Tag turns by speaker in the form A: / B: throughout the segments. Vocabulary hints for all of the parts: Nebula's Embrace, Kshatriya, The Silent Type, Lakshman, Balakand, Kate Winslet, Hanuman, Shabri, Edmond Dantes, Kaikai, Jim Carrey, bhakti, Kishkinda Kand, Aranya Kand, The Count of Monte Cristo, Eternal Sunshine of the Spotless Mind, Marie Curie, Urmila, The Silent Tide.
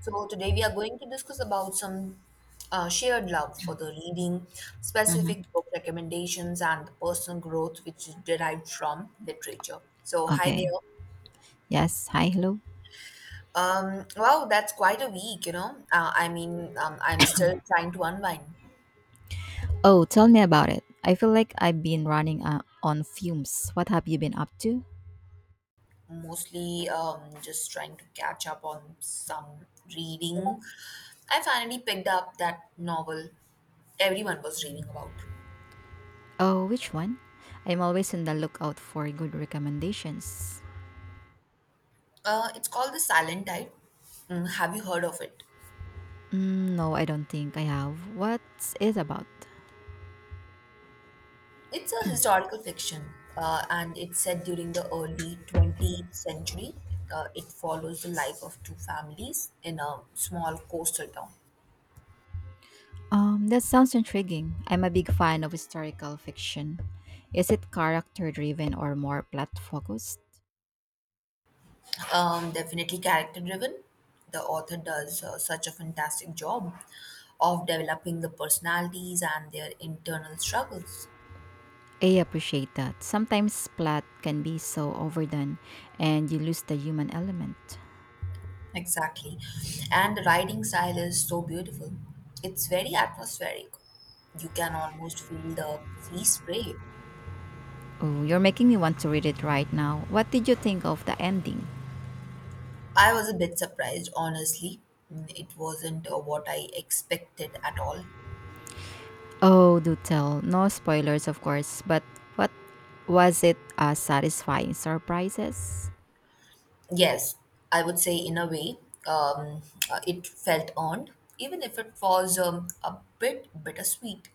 A: So today we are going to discuss about some shared love for the reading,
B: Mhm.
A: specific book recommendations, and the personal growth which is derived from literature. So hi
B: Okay.
A: there.
B: Yes. Hi. Hello.
A: Wow, that's quite a week. I mean, I'm still trying to unwind.
B: Oh, tell me about it. I feel like I've been running on fumes. What have you been up to?
A: Mostly, just trying to catch up on some reading. I finally picked up that novel everyone was reading about.
B: Oh, which one? I'm always on the lookout for good recommendations.
A: It's called The Silent Type. Mm, have you heard of it?
B: Mm, no, I don't think I have. What's it about?
A: It's a historical fiction, and it's set during the early 20th century. It follows the life of two families in a small coastal town.
B: That sounds intriguing. I'm a big fan of historical fiction. Is it character driven or more plot focused?
A: Definitely character driven. The author does such a fantastic job of developing the personalities and their internal struggles.
B: I appreciate that. Sometimes plot can be so overdone and you lose the human element.
A: Exactly. And the writing style is so beautiful. It's very atmospheric. You can almost feel the sea spray.
B: Oh, you're making me want to read it right now. What did you think of the ending?
A: I was a bit surprised, honestly. Mm, it wasn't what I expected at all.
B: Oh, do tell. No spoilers, of course, but what was it a satisfying surprises?
A: Yes, I would say in a way, um, it felt earned, even if it was a bit bittersweet.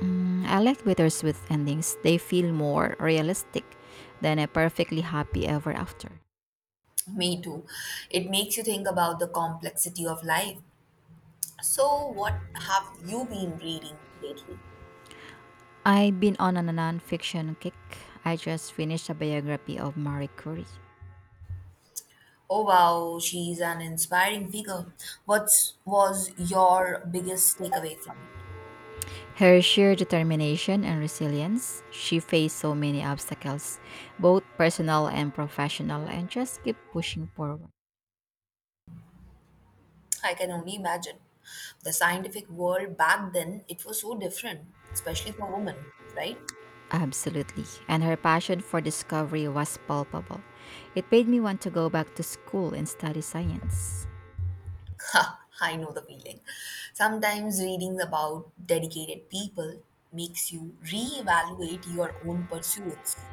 B: Mm, I like bittersweet endings. They feel more realistic than a perfectly happy ever after.
A: Me too. It makes you think about the complexity of life. So, what have you been reading lately?
B: I've been on a nonfiction kick. I just finished a biography of Marie Curie.
A: Oh wow, she's an inspiring figure. What was your biggest takeaway from it?
B: Her sheer determination and resilience, she faced so many obstacles, both personal and professional, and just kept pushing forward.
A: I can only imagine. The scientific world back then, it was so different, especially for women, right?
B: Absolutely. And her passion for discovery was palpable. It made me want to go back to school and study science.
A: Ha, I know the feeling. Sometimes reading about dedicated people makes you reevaluate your own pursuits.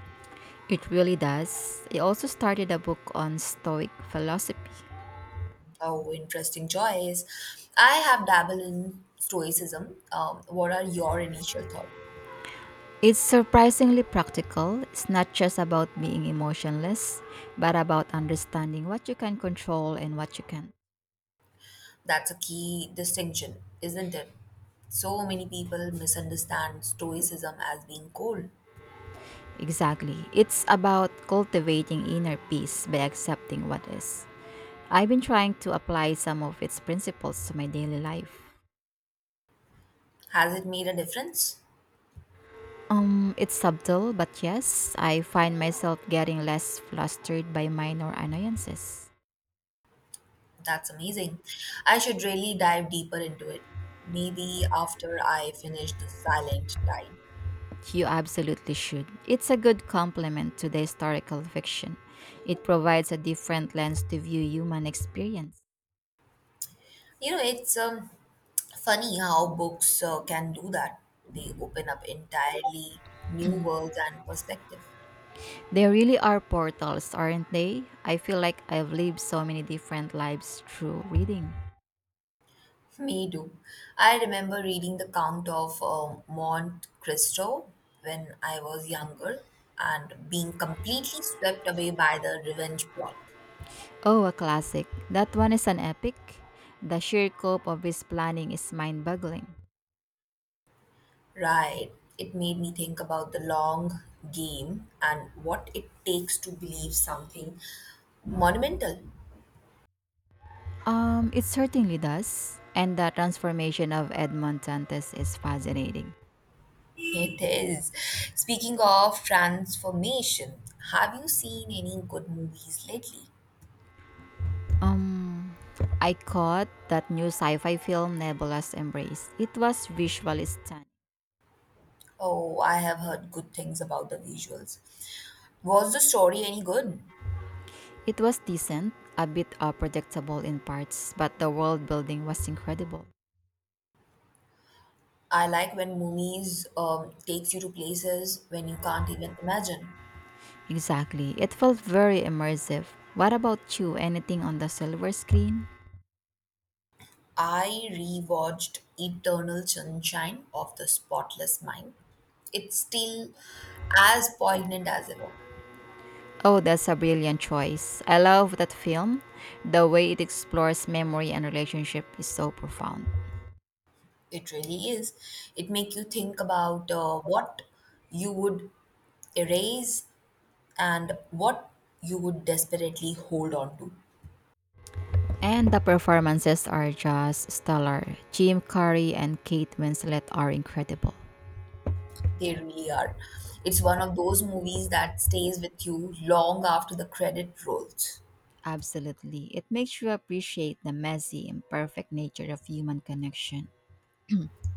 B: It really does. I also started a book on Stoic philosophy.
A: Oh, interesting choice. I have dabbled in stoicism. What are your initial thoughts?
B: It's surprisingly practical. It's not just about being emotionless, but about understanding what you can control and what you can't.
A: That's a key distinction, isn't it? So many people misunderstand stoicism as being cold.
B: Exactly. It's about cultivating inner peace by accepting what is. I've been trying to apply some of its principles to my daily life.
A: Has it made a difference?
B: It's subtle, but yes, I find myself getting less flustered by minor annoyances.
A: That's amazing. I should really dive deeper into it. Maybe after I finish The Silent Tide.
B: You absolutely should. It's a good complement to the historical fiction. It provides a different lens to view human experience.
A: It's funny how books can do that. They open up entirely new worlds and perspective.
B: They really are portals, aren't they? I feel like I've lived so many different lives through reading.
A: Me too. I remember reading The Count of Monte Cristo when I was younger and being completely swept away by the revenge plot.
B: Oh, a classic. That one is an epic. The sheer scope of his planning is mind-boggling.
A: Right. It made me think about the long game and what it takes to believe something monumental.
B: It certainly does. And the transformation of Edmond Dantes is fascinating.
A: It is. Speaking of transformation, have you seen any good movies lately?
B: Um, I caught that new sci-fi film Nebula's Embrace. It was visually stunning.
A: Oh, I have heard good things about the visuals. Was the story any good?
B: It was decent, a bit unpredictable in parts, but the world building was incredible.
A: I like when movies takes you to places when you can't even imagine.
B: Exactly. It felt very immersive. What about you? Anything on the silver screen?
A: I rewatched Eternal Sunshine of the Spotless Mind. It's still as poignant as ever.
B: Oh, that's a brilliant choice. I love that film. The way it explores memory and relationship is so profound.
A: It really is. It makes you think about what you would erase and what you would desperately hold on to.
B: And the performances are just stellar. Jim Carrey and Kate Winslet are incredible.
A: They really are. It's one of those movies that stays with you long after the credit rolls.
B: Absolutely. It makes you appreciate the messy, imperfect nature of human connection.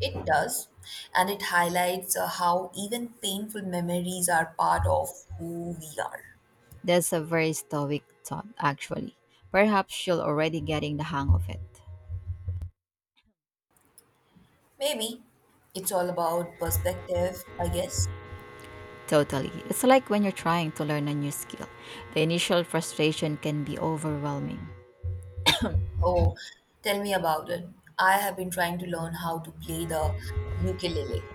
A: It does, and it highlights how even painful memories are part of who we are.
B: That's a very stoic thought, actually. Perhaps you're already getting the hang of it.
A: Maybe it's all about perspective, I guess.
B: Totally. It's like when you're trying to learn a new skill. The initial frustration can be overwhelming.
A: Oh, tell me about it. I have been trying to learn how to play the ukulele.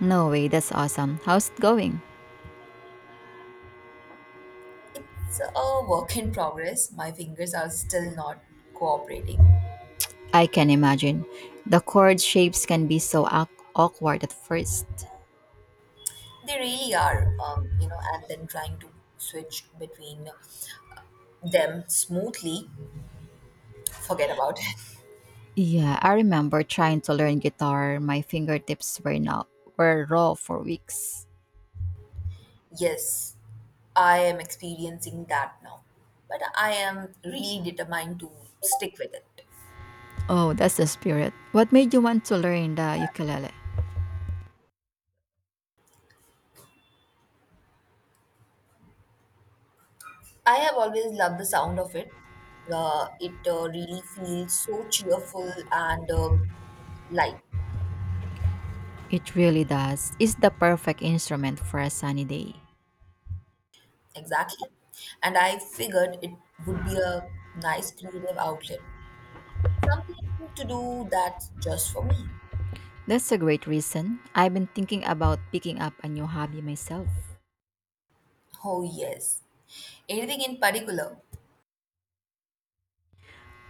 B: No way, that's awesome. How's it going?
A: It's a work in progress. My fingers are still not cooperating.
B: I can imagine. The chord shapes can be so awkward at first.
A: They really are, and then trying to switch between them smoothly. Forget about it.
B: Yeah, I remember trying to learn guitar. My fingertips were raw for weeks.
A: Yes, I am experiencing that now, but I am really determined to stick with it.
B: Oh, that's the spirit. What made you want to learn the ukulele?
A: I have always loved the sound of it. It really feels so cheerful and light.
B: It really does. It's the perfect instrument for a sunny day.
A: Exactly. And I figured it would be a nice creative outlet, something to do that's just for me.
B: That's a great reason. I've been thinking about picking up a new hobby myself.
A: Oh, yes. Anything in particular?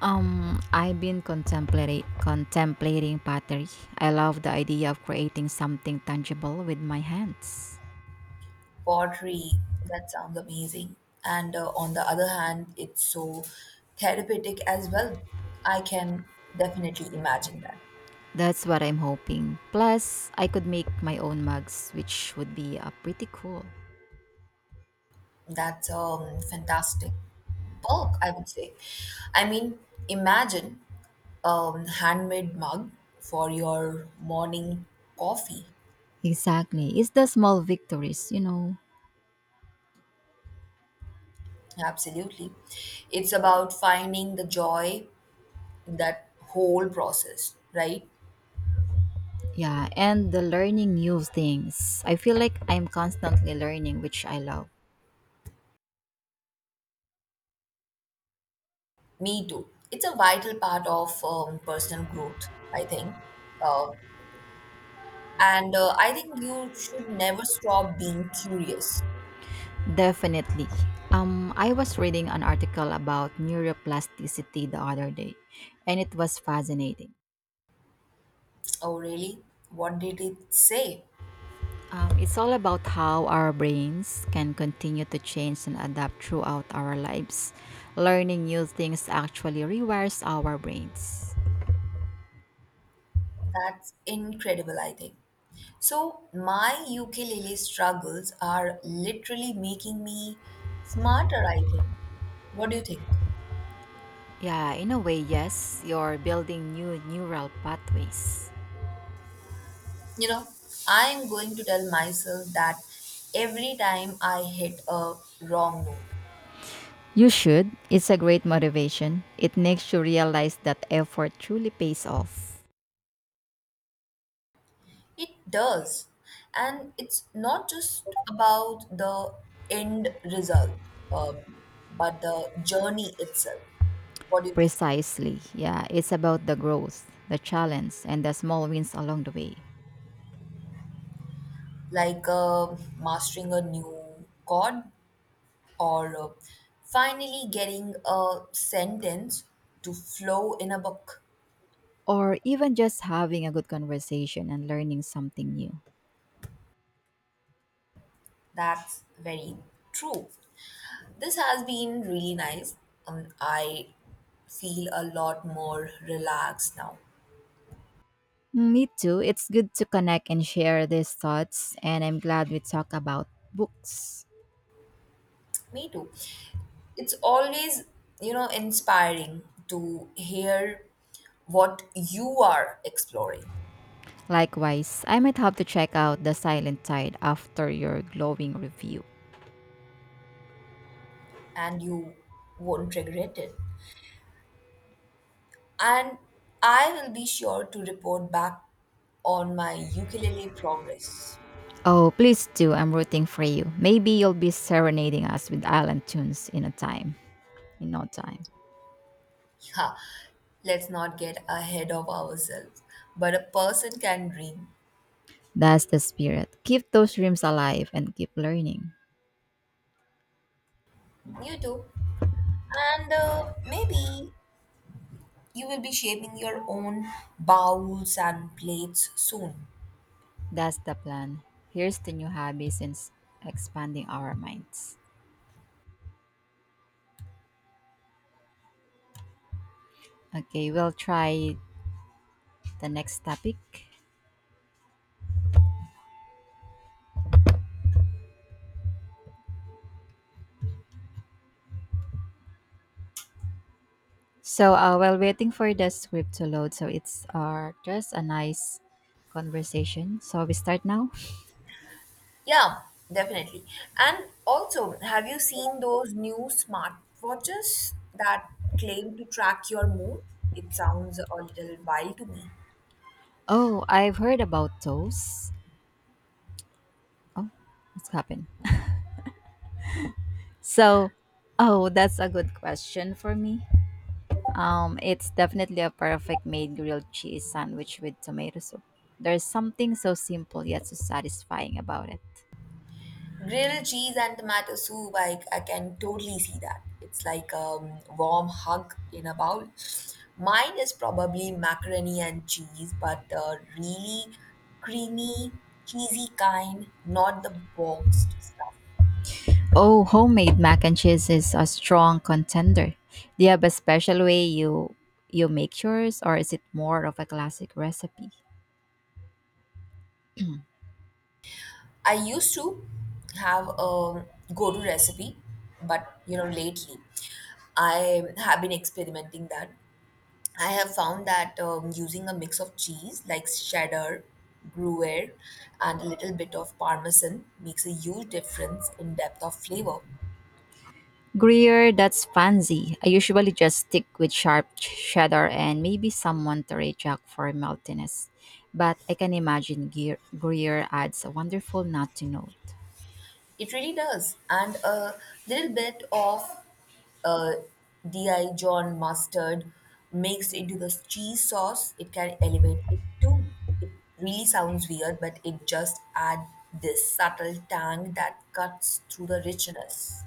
B: I've been contemplating pottery. I love the idea of creating something tangible with my hands.
A: Pottery, that sounds amazing. And on the other hand, it's so therapeutic as well. I can definitely imagine that.
B: That's what I'm hoping. Plus, I could make my own mugs, which would be pretty cool.
A: That's fantastic bulk, I would say. I mean, imagine handmade mug for your morning coffee.
B: Exactly. It's the small victories.
A: Absolutely. It's about finding the joy in that whole process, right?
B: Yeah, and the learning new things. I feel like I'm constantly learning, which I love.
A: Me too. It's a vital part of personal growth, I think. Uh, and I think you should never stop being curious.
B: Definitely. I was reading an article about neuroplasticity the other day, and it was fascinating.
A: Oh, really? What did it say?
B: It's all about how our brains can continue to change and adapt throughout our lives. Learning new things actually rewires our brains.
A: That's incredible, I think. So, my ukulele struggles are literally making me smarter, I think. What do you think?
B: Yeah, in a way, yes, you're building new neural pathways.
A: You know, I'm going to tell myself that every time I hit a wrong note.
B: You should. It's a great motivation. It makes you realize that effort truly pays off.
A: It does. And it's not just about the end result, um, but the journey itself. What do you think?
B: Precisely. Yeah, it's about the growth, the challenge, and the small wins along the way.
A: Like mastering a new chord or finally getting a sentence to flow in a book.
B: Or even just having a good conversation and learning something new.
A: That's very true. This has been really nice. I feel a lot more relaxed now.
B: Me too. It's good to connect and share these thoughts, and I'm glad we talk about books.
A: Me too. It's always, inspiring to hear what you are exploring.
B: Likewise, I might have to check out The Silent Tide after your glowing review.
A: And you won't regret it, and I will be sure to report back on my ukulele progress.
B: Oh, please do. I'm rooting for you. Maybe you'll be serenading us with island tunes in in no time.
A: Yeah, let's not get ahead of ourselves, but a person can dream.
B: That's the spirit. Keep those dreams alive and keep learning.
A: You too. And maybe you will be shaping your own bowls and plates soon.
B: That's the plan. Here's the new hobby since expanding our minds. Okay, we'll try the next topic. So while waiting for the script to load, so it's just a nice conversation. So we start now.
A: Yeah, definitely. And also, have you seen those new smartwatches that claim to track your mood? It sounds a little wild to me.
B: Oh, I've heard about those. Oh, what's happened? So, oh, that's a good question for me. It's definitely a perfect made grilled cheese sandwich with tomato soup. There's something so simple yet so satisfying about it.
A: Grilled cheese and tomato soup, I can totally see that. It's like a warm hug in a bowl. Mine is probably macaroni and cheese, but the really creamy, cheesy kind, not the boxed stuff.
B: Oh, homemade mac and cheese is a strong contender. Do you have a special way you make yours or is it more of a classic recipe?
A: I used to have a go-to recipe, but you know, lately I have been experimenting that. I have found that using a mix of cheese like cheddar, Gruyere, and a little bit of Parmesan makes a huge difference in depth of flavor.
B: Gruyere, that's fancy. I usually just stick with sharp cheddar and maybe some Monterey Jack for maltiness. But I can imagine Gruyere adds a wonderful nut to note.
A: It really does. And a little bit of uh, DI John mustard mixed into the cheese sauce, it can elevate it too. It really sounds weird, but it just adds this subtle tang that cuts through the richness.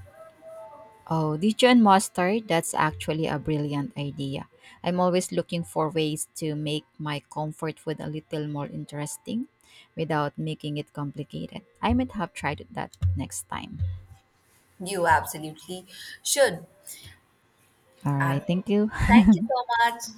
B: Oh, Dijon mustard? That's actually a brilliant idea. I'm always looking for ways to make my comfort food a little more interesting without making it complicated. I might have tried that next time.
A: You absolutely should.
B: All right,
A: And
B: thank you.
A: thank you so much.